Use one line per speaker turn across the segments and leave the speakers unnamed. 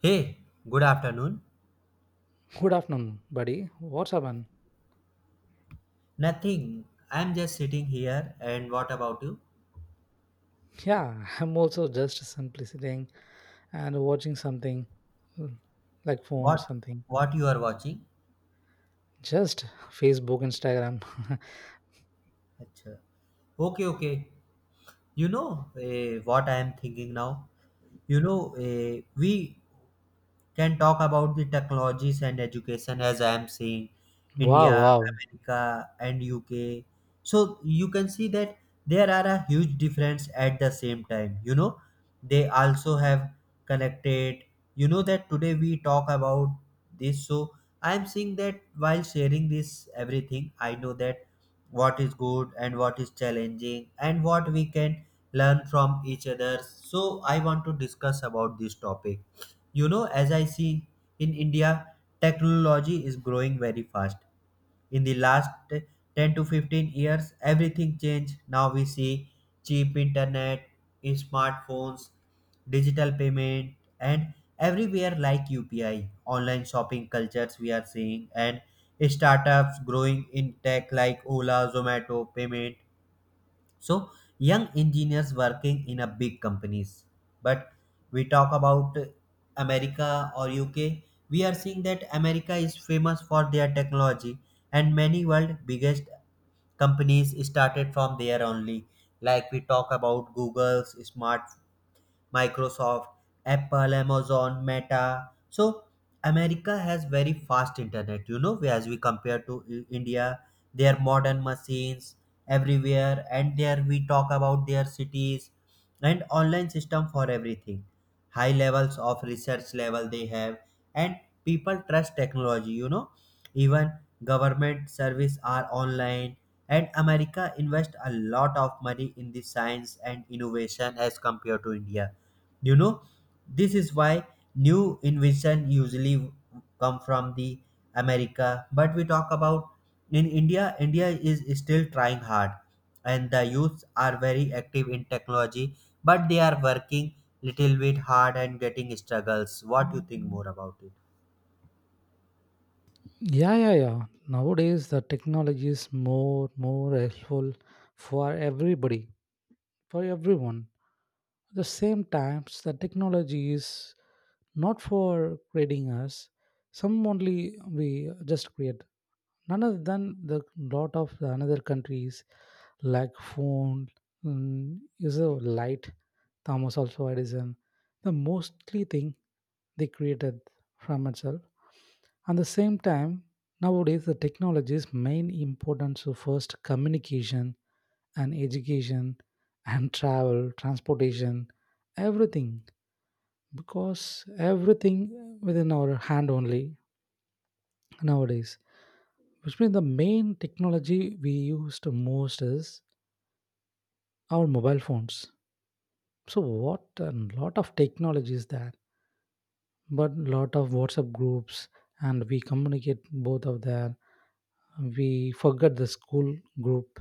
Hey, good afternoon.
Good afternoon, buddy. What's up, man?
Nothing. I'm just sitting here. And what about you?
Yeah, I'm also just simply sitting and watching something mm, like phone,
What
something.
what you are watching?
Just Facebook, Instagram.
अच्छा, okay, okay. You know what I am thinking now. You know we can talk about the technologies and education, as I am saying.
Wow,
India,
wow.
America, and UK, so you can see that there are a huge difference. At the same time, you know, they also have connected. You know that today we talk about this. So I am seeing that while sharing this everything, I know that what is good and what is challenging and what we can learn from each other. So I want to discuss about this topic, you know, as I see. In India, technology is growing very fast. In the last 10 to 15 years, everything changed. Now we see cheap internet, smartphones, digital payment, and everywhere like UPI, online shopping cultures we are seeing, and startups growing in tech like Ola, Zomato, payment. So young engineers working in a big companies. But we talk about America or UK, we are seeing that America is famous for their technology, and many world biggest companies started from there only. Like we talk about Google's smart Microsoft, Apple, Amazon, Meta. So America has very fast internet, you know, as we compare to India. Their modern machines everywhere, and there we talk about their cities and online system for everything. High levels of research level they have, and people trust technology, you know. Even government service are online, and America invest a lot of money in the science and innovation as compared to India. You know, this is why new invention usually come from the America. But we talk about in India, India is still trying hard, and the youths are very active in technology, but they are working little bit hard and getting struggles. What do you think more about it?
Yeah, yeah, yeah. Nowadays, the technology is more helpful for everybody, for everyone. At the same times, the technology is not for creating us. Some only we just create. None other than the lot of the another countries like phone mm, is a light. Thomas also Edison. The mostly thing they created from itself. At the same time, nowadays the technology's main importance to first communication and education and travel, transportation, everything, because everything within our hand only nowadays. Which means the main technology we use the most is our mobile phones. So, what a lot of technology is there, but lot of WhatsApp groups and we communicate both of them. We forget the school group,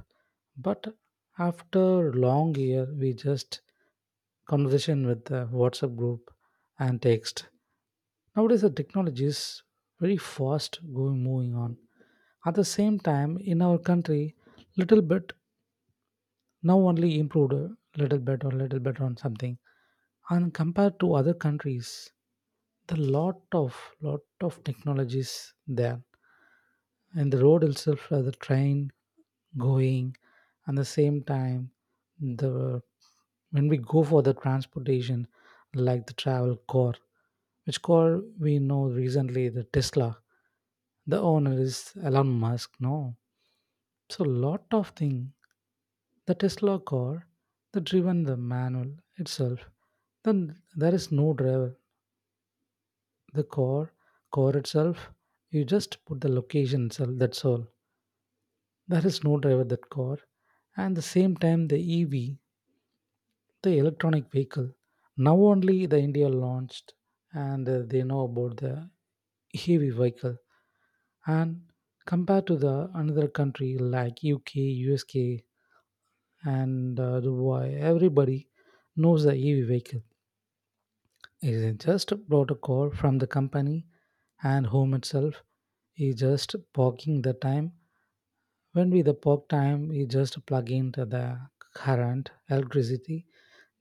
but after long year we just conversation with the WhatsApp group and text. Nowadays the technology is very fast going moving on. At the same time in our country little bit now only improved a little bit or little bit on something. And compared to other countries, the lot of technologies there, and the road itself the train going. And the same time, the when we go for the transportation like the travel car, which car we know recently, the Tesla. The owner is Elon Musk, no? So lot of thing. The Tesla car, the driven the manual itself. Then there is no driver. The car, car itself, you just put the location itself. That's all. There is no driver that car. And the same time, the EV, the electronic vehicle. Now only the India launched, and they know about the heavy vehicle. And compared to the another country like UK, USK, and why everybody knows the EV vehicle isn't just a protocol from the company and home itself is just parking the time. When we the park time, we just plug into the current electricity,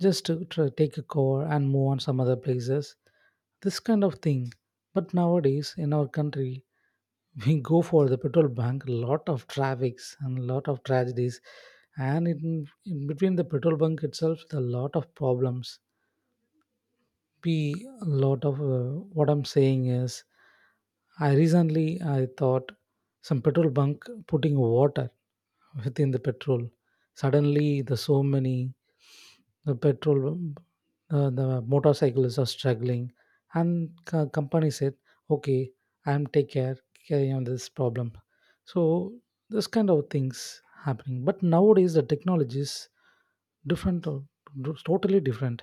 just to try, take a car and move on some other places. This kind of thing. But nowadays in our country, we go for the petrol bank lot of traffics and lot of tragedies, and in between the petrol bunk itself the lot of problems be a lot of what I'm saying is I recently I thought some petrol bunk putting water within the petrol. Suddenly the so many the petrol the motorcyclists are struggling, and company said okay, I'm take care, carry on this problem. So this kind of things happening, but nowadays the technology is different totally different,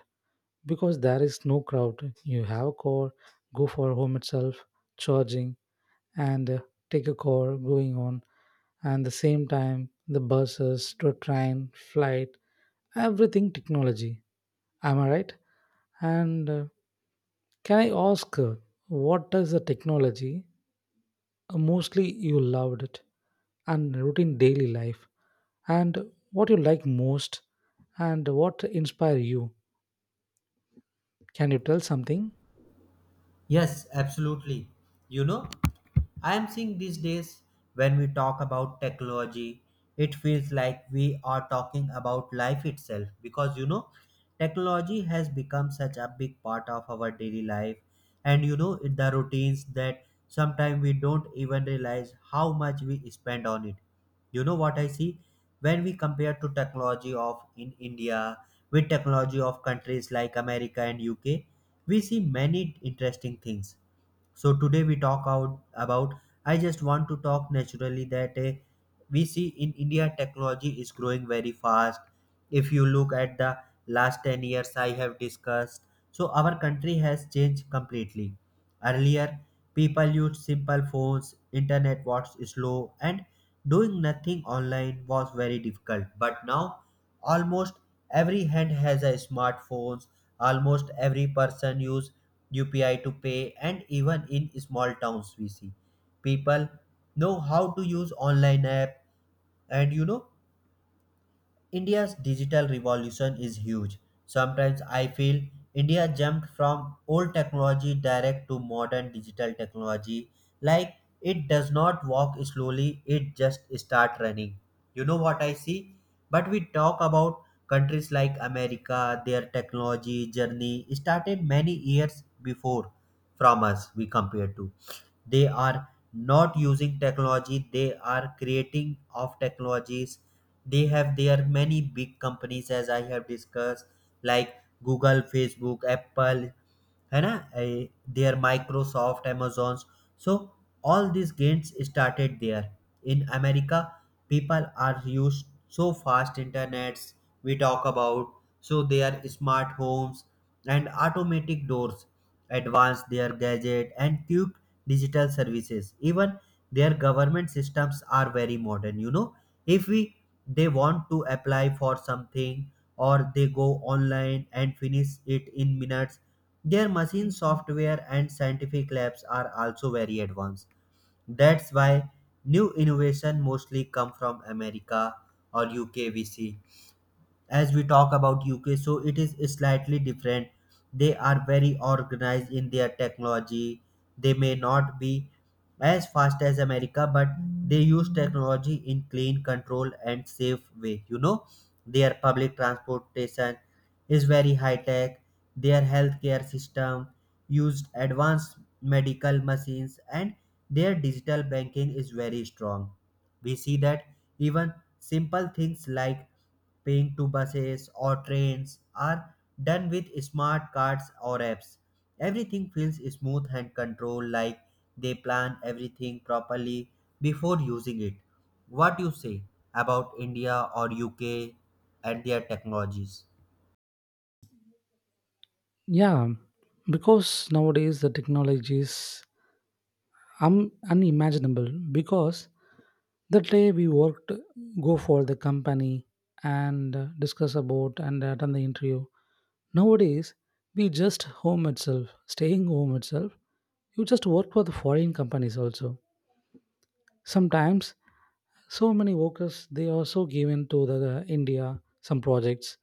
because there is no crowd, you have a car, go for home itself charging, and take a car going on. And the same time, the buses to train flight, everything technology. Am I right? And can I ask, what does the technology mostly you loved it and routine daily life, and what you like most, and what inspire you? Can you tell something?
Yes, absolutely. You know, I am seeing these days when we talk about technology, it feels like we are talking about life itself, because you know, technology has become such a big part of our daily life, and you know, the routines, that sometimes we don't even realize how much we spend on it. You know what I see when we compare to technology of in India with technology of countries like America and UK? We see many interesting things. So today we talk out about, I just want to talk naturally that we see in India technology is growing very fast. If you look at the last 10 years I have discussed, so our country has changed completely. Earlier people used simple phones, internet was slow, and doing nothing online was very difficult. But now almost every hand has a smartphone. Almost every person use UPI to pay, and even in small towns we see people know how to use online app. And you know, India's digital revolution is huge. Sometimes I feel India jumped from old technology direct to modern digital technology. Like it does not walk slowly, it just start running. You know what I see? But we talk about countries like America, their technology journey started many years before from us. We compare to, they are not using technology, they are creating of technologies. They have their many big companies, as I have discussed, like Google, Facebook, Apple, है ना, eh, their Microsoft, Amazons. So all these gains started there. In America, people are used so fast internets. We talk about, so their smart homes and automatic doors, advanced their gadget, and quick digital services. Even their government systems are very modern, you know. If we they want to apply for something, or they go online and finish it in minutes. Their machine software and scientific labs are also very advanced. That's why new innovation mostly come from America or UK VC. As we talk about UK, so it is slightly different. They are very organized in their technology. They may not be as fast as America, but they use technology in clean, control, and safe way. You know, their public transportation is very high tech. Their healthcare system used advanced medical machines, and their digital banking is very strong. We see that even simple things like paying to buses or trains are done with smart cards or apps. Everything feels smooth and controlled, like they plan everything properly before using it. What you say about India or UK and their technologies?
Yeah, because nowadays the technology is unimaginable, because the day we worked go for the company and discuss about and attend the interview. Nowadays, we just home itself, staying home itself. You just work for the foreign companies also. Sometimes, so many workers they also given to the India some projects,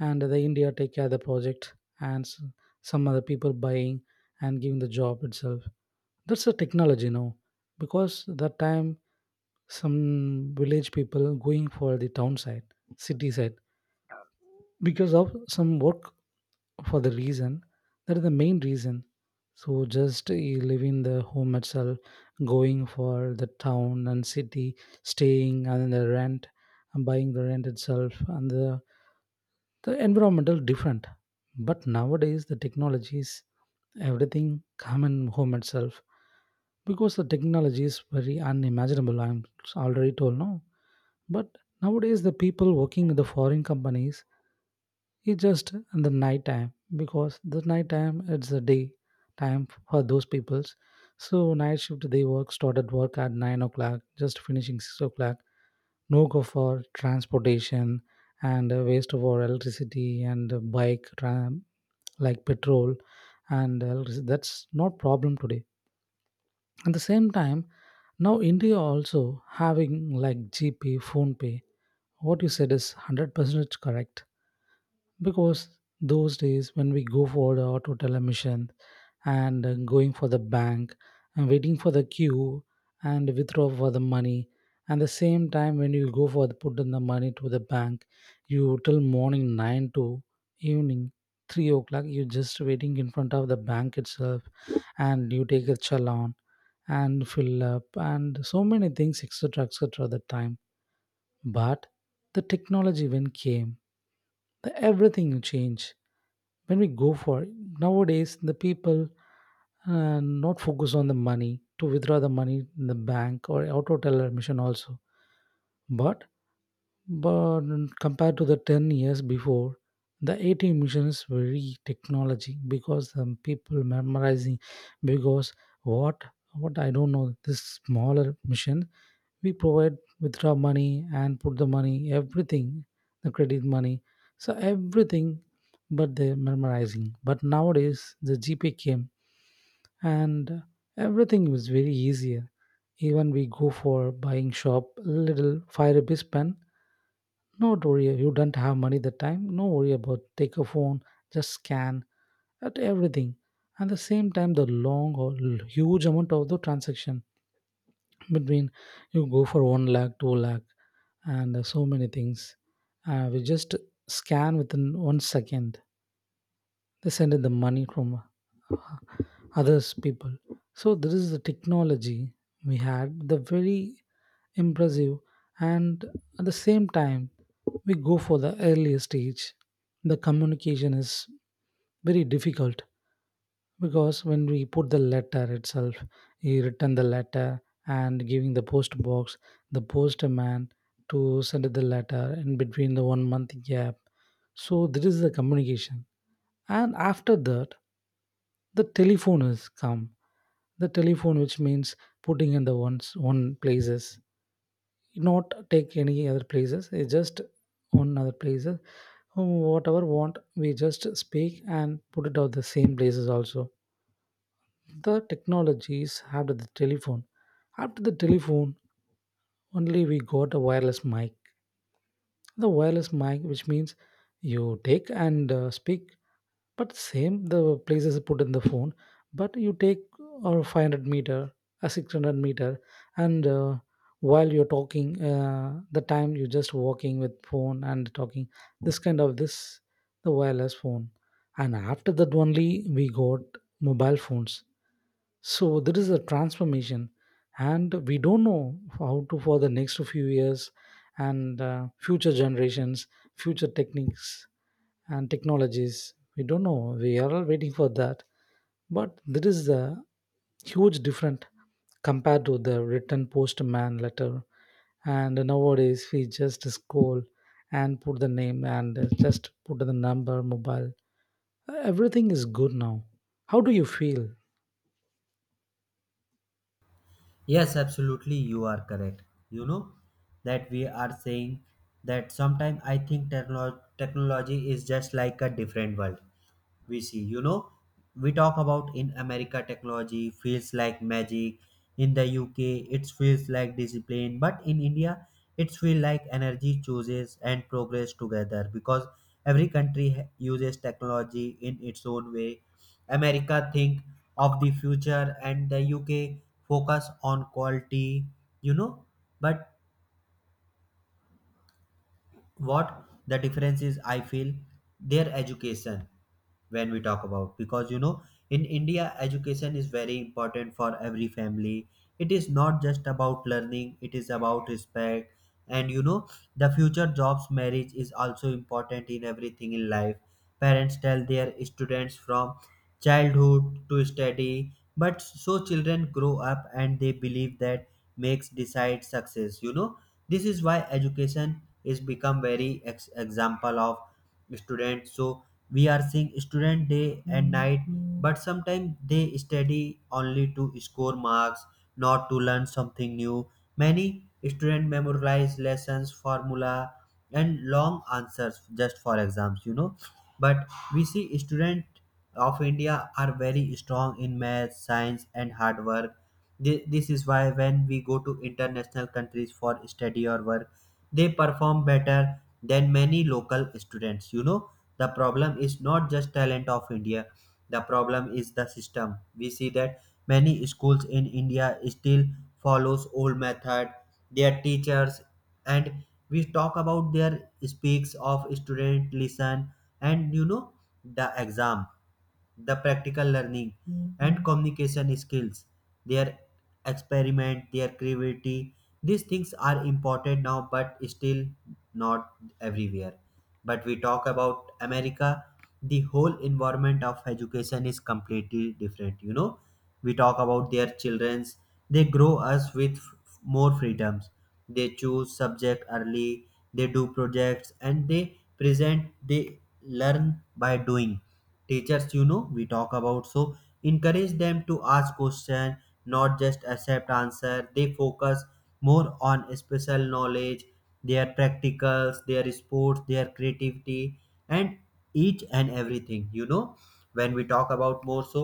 and the India take care of the project, and some other people buying and giving the job itself. That's the technology now, because that time some village people going for the town side, city side, because of some work, for the reason, that is the main reason. So just leaving the home itself, going for the town and city, staying and the rent, and buying the rent itself, and the environmental different. But nowadays the technologies everything come in home itself, because the technology is very unimaginable, I'm already told, no? But nowadays the people working with the foreign companies, it's just in the night time, because the night time it's the day time for those peoples. So night shift they work, started work at 9 o'clock, just finishing 6 o'clock. No go for transportation and waste of our electricity and bike tram like petrol and electricity. That's not problem today. At the same time, now India also having like GP, phone pay. What you said is 100% correct, because those days when we go for our total emission and going for the bank and waiting for the queue and withdraw for the money. And the same time when you go for the put in the money to the bank, you till morning 9 to evening 3 o'clock you just waiting in front of the bank itself, and you take a challan and fill up and so many things, etc., etc., at the time. But the technology when came, the everything changed. When we go for nowadays, the people not focus on the money to withdraw the money in the bank or auto teller machine also. But but compared to the 10 years before, the ATM mission is very technology because people memorizing, because what what I don't know this smaller machine we provide withdraw money and put the money everything, the credit money, so everything. But the memorizing, but nowadays the GP came, and everything was very easier. Even we go for buying shop little five rupees pen, no worry, you don't have money that time, no worry about, take a phone, just scan at everything. At the same time, the long or huge amount of the transaction between you go for 1 lakh 2 lakh and so many things, we just scan within one second they send in the money from uh, others people. So this is the technology, we had the very impressive. And at the same time, we go for the earlier stage, the communication is very difficult, because when we put the letter itself, he written the letter and giving the post box, the postman to send the letter in between the 1 month gap. So this is the communication. And after that, the telephone has come. The telephone, which means putting in the ones one places, not take any other places, it's just on other places. Whatever want we just speak and put it out the same places also. The technologies after the telephone, after the telephone only we got a wireless mic. The wireless mic, which means you take and speak. But same, the place is put in the phone. But you take or 500 meter, a 600 meter, and while you're talking, the time you're just walking with phone and talking, this kind of this, the wireless phone. And after that only we got mobile phones. So there is a transformation, and we don't know how to for the next few years and future generations, future techniques and technologies. We don't know. We are all waiting for that. But there is a huge difference compared to the written postman letter. And nowadays, we just scroll and put the name and just put the number, mobile. Everything is good now. How do you feel?
Yes, absolutely, you are correct. You know that we are saying that sometimes I think technology is just like a different world we see. You know, we talk about in America technology feels like magic, in the UK it feels like discipline, but in India it feels like energy chooses and progress together, because every country uses technology in its own way. America think of the future, and the UK focus on quality, you know. But what the difference is, I feel, their education. When we talk about, because you know, in India education is very important for every family. It is not just about learning, it is about respect. And you know, the future jobs, marriage is also important in everything in life. Parents tell their students from childhood to study, but so children grow up and they believe that makes decide success, you know. This is why education is become very example of students. So we are seeing student day and night, but sometimes they study only to score marks, not to learn something new. Many student memorize lessons, formula, and long answers just for exams, you know. But we see student of India are very strong in math, science, and hard work. This is why when we go to international countries for study or work, they perform better than many local students, you know. The problem is not just talent of India, the problem is the system. We see that many schools in India still follows old method, their teachers, and we talk about their speaks, of student listen. And you know, the exam, the practical learning, and communication skills, their experiment, their creativity, these things are important now, but still not everywhere. But we talk about America, the whole environment of education is completely different, you know. We talk about their children's, they grow us with more freedoms. They choose subject early, they do projects, and they present, they learn by doing. Teachers, you know, we talk about, so encourage them to ask question, not just accept answer. They focus more on special knowledge, their practicals, their sports, their creativity, and each and everything, you know. When we talk about more, so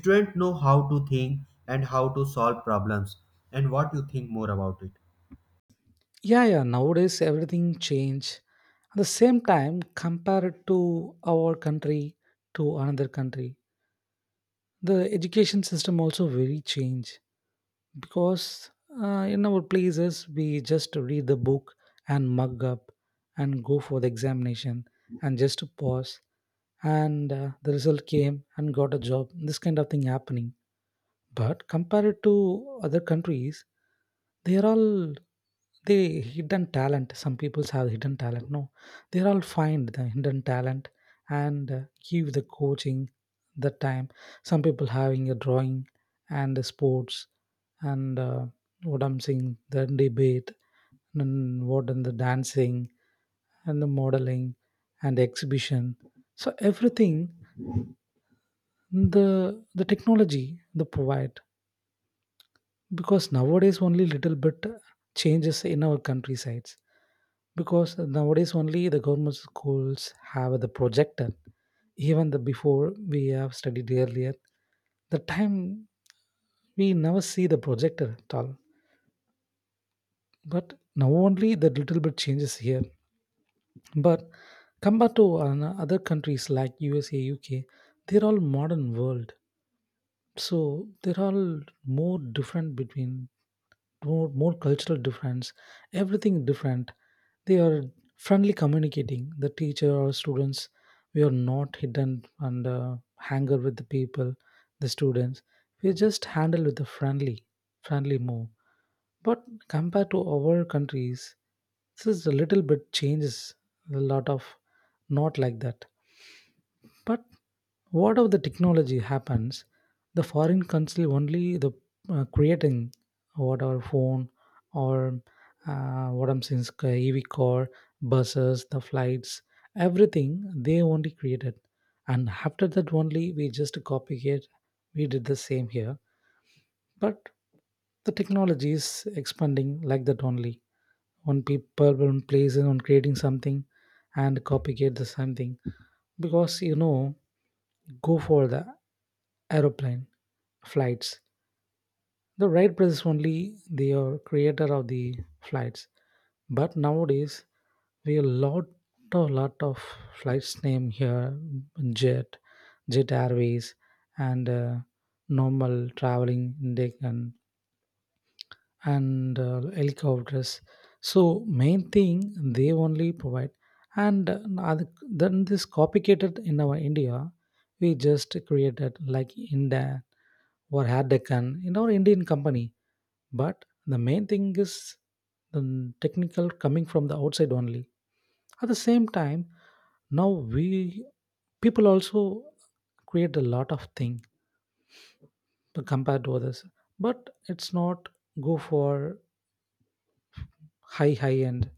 students know how to think and how to solve problems. And what you think more about it?
Yeah, yeah. Nowadays, everything change. At the same time, compared to our country to another country, the education system also very change, because in our places we just read the book and mug up and go for the examination and just pause and the result came and got a job, this kind of thing happening. But compared to other countries, they're all they hidden talent. Some people have hidden talent. No, they're all find the hidden talent and give the coaching the time. Some people having a drawing and the sports and what I'm saying, the debate and what and the dancing and the modeling and the exhibition. So everything the technology they provide, because nowadays only little bit changes in our countrysides, because nowadays only the government schools have the projector. Even the before we have studied earlier the time, we never see the projector at all. But now only the little bit changes here. But compared to other countries like USA, UK, they're all modern world. So they're all more different between more cultural difference, everything different. They are friendly communicating the teacher or students. We are not hidden and hanger with the people, the students. We just handle with the friendly friendly move. But compared to our countries, this is a little bit changes, a lot of, not like that. But what if the technology happens? The foreign country only the creating what our phone or what I'm saying, is EV car, buses, the flights, everything they only created, and after that only we just copy it. We did the same here, but the technology is expanding like that only. One people one place and on creating something and copycat the same thing because you know go for the aeroplane flights. The Wright brothers only they are creator of the flights. But nowadays we a lot of flights name here, jet, jet airways, and normal traveling in Deccan, and helicopters. So main thing they only provide, and then this copycated in our India, we just created like India or Hadeccan in our Indian company. But the main thing is the technical coming from the outside only. At the same time, now we people also create a lot of thing to compared to others, but it's not go for high end.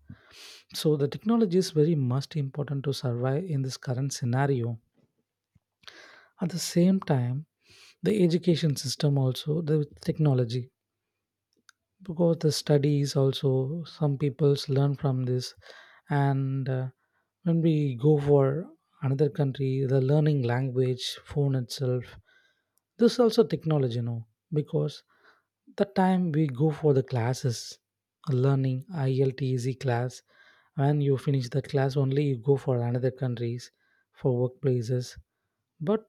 So the technology is very much important to survive in this current scenario. At the same time, the education system also the technology, because the studies also some people's learn from this, and when we go for another country, the learning language phone itself, this also technology, you know, because the time we go for the classes learning IELTS class, when you finish that class only you go for another countries for workplaces. But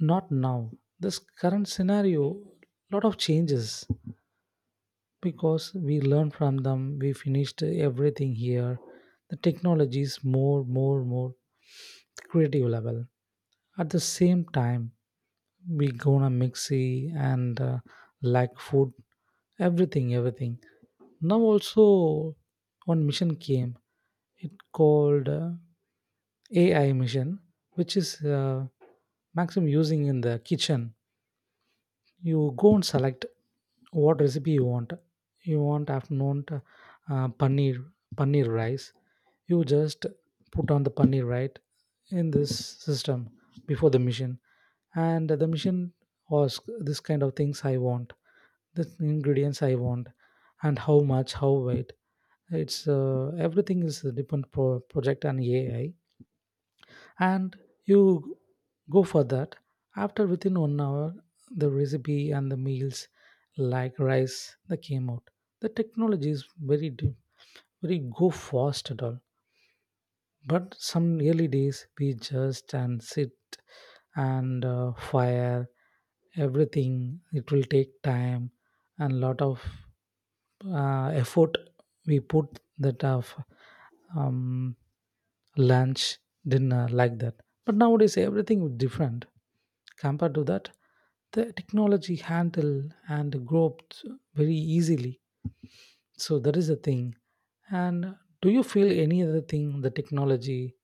not now. This current scenario, lot of changes, because we learn from them, we finished everything here. The technology is more creative level. At the same time, we gonna mixy, and like food, everything everything. Now also one mission came, it called AI mission, which is uh, maximum using in the kitchen. You go and select what recipe you want. You want afternoon, paneer, paneer rice. You just put on the paneer right in this system before the machine, and the machine asks this kind of things I want, the ingredients I want, and how much, how weight. It's everything is a different project and AI, and you go for that. After within 1 hour, the recipe and the meals like rice that came out. The technology is very go fast at all. But some early days, we just and sit, and fire, everything it will take time and lot of effort we put that of um, lunch, dinner, like that. But nowadays everything is different compared to that. The technology handle and grow up very easily. So that is the thing. And do you feel any other thing, the technology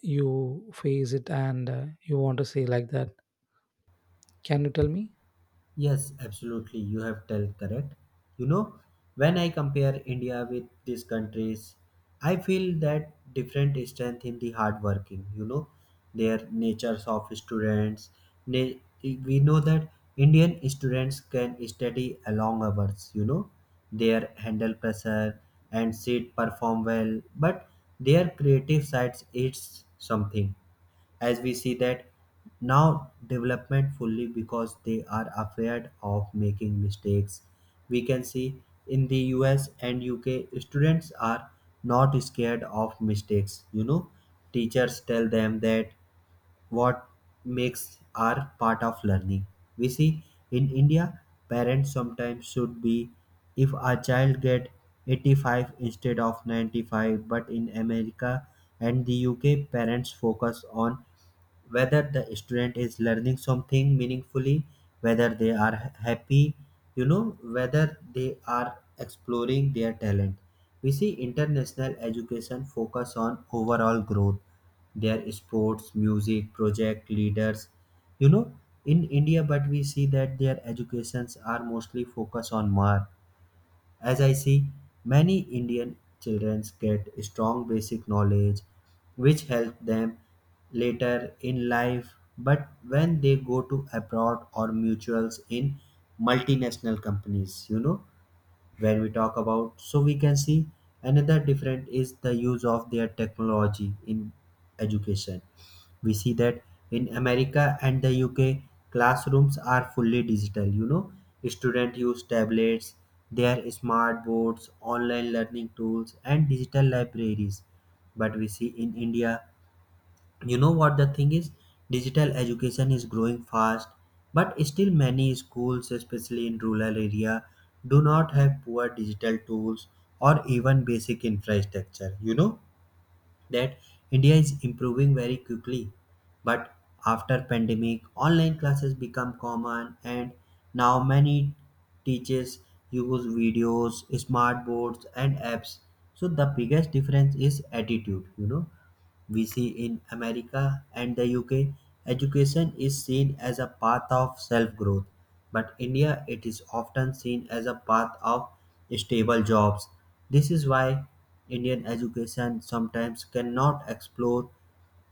you face it, and you want to say like that? Can you tell me?
Yes, absolutely. You have tell correct. You know, when I compare India with these countries, I feel that different strength in the hard working. You know, their natures of students. Na- we know that Indian students can study long hours. You know, their handle pressure and sit perform well, but their creative sides it's something, as we see that now development fully, because they are afraid of making mistakes. We can see in the US and UK students are not scared of mistakes, you know. Teachers tell them that what makes are part of learning. We see in India parents sometimes should be if a child get 85 instead of 95. But in America and the UK parents focus on whether the student is learning something meaningfully, whether they are happy, you know, whether they are exploring their talent. We see international education focus on overall growth, their sports, music, project leaders, you know, in India. But we see that their educations are mostly focused on mark. As I see, many Indian children get strong basic knowledge, which help them later in life, but when they go to abroad or mutuals in multinational companies, you know. When we talk about, so we can see another different is the use of their technology in education. We see that in America and the UK classrooms are fully digital, you know. Students use tablets, their smart boards, online learning tools, and digital libraries. But we see in India, you know what the thing is, digital education is growing fast. But still many schools, especially in rural area, do not have poor digital tools or even basic infrastructure. You know that India is improving very quickly. But after pandemic, online classes become common, and now many teachers use videos, smart boards, and apps. So the biggest difference is attitude. You know, we see in America and the UK, education is seen as a path of self growth, but India it is often seen as a path of stable jobs. This is why Indian education sometimes cannot explore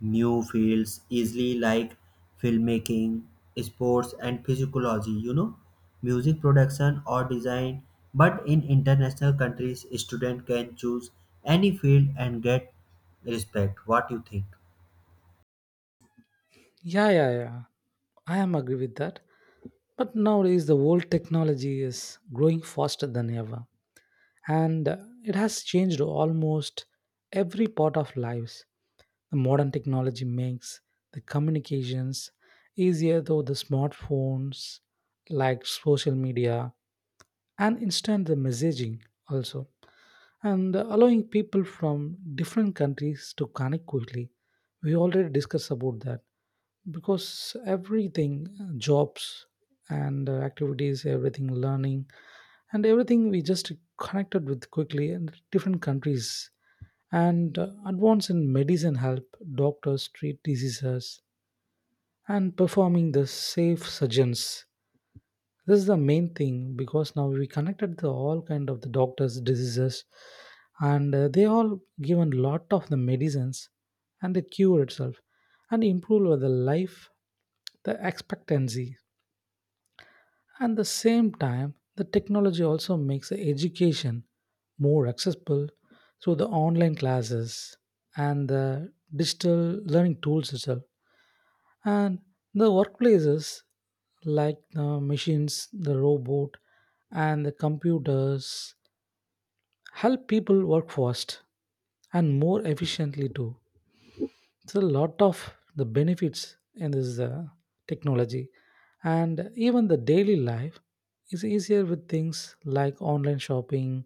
new fields easily, like filmmaking, sports, and physiology, you know, music production or design. But in international countries, student can choose any field and get respect. What you think?
Yeah, yeah, yeah, I am agree with that. But nowadays, the world technology is growing faster than ever, and it has changed almost every part of lives. The modern technology makes the communications easier, though the smartphones, like social media, and instant the messaging also, and allowing people from different countries to connect quickly. We already discussed about that, because everything jobs and activities, everything learning and everything, we just connected with quickly in different countries, and advance in medicine help doctors treat diseases and performing the safe surgeons. This is the main thing, because now we connected the all kind of the doctors, diseases, and they all given lot of the medicines and the cure itself, and improve the life, the expectancy. At the same time, the technology also makes the education more accessible through the online classes and the digital learning tools itself. And the workplaces like the machines, the robot, and the computers help people work fast and more efficiently too. It's a lot of the benefits in this technology. And even the daily life is easier with things like online shopping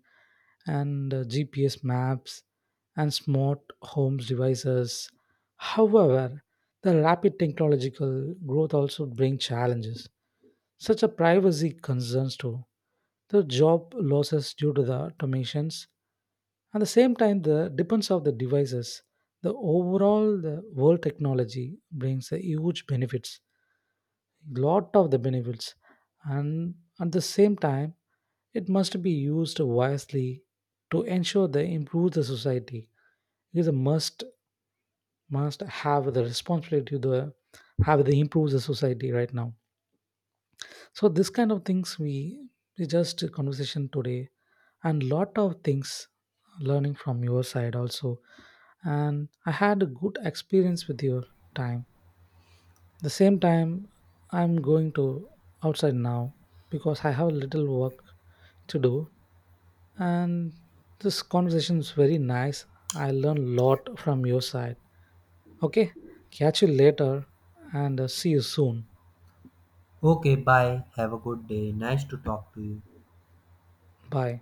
and GPS maps and smart homes devices. However, the rapid technological growth also brings challenges such a privacy concerns too. The job losses due to the automations. At the same time, the depends of the devices. The overall the world technology brings a huge benefits, lot of the benefits, and at the same time, it must be used wisely to ensure they improve the society. It is a must have the responsibility to the, have the improve the society right now. So this kind of things we just conversation today, and lot of things learning from your side also. And I had a good experience with your time. The same time I'm going to outside now because I have a little work to do, and this conversation is very nice. I learned lot from your side. Okay, catch you later and see you soon.
Okay, bye. Have a good day. Nice to talk to you.
Bye.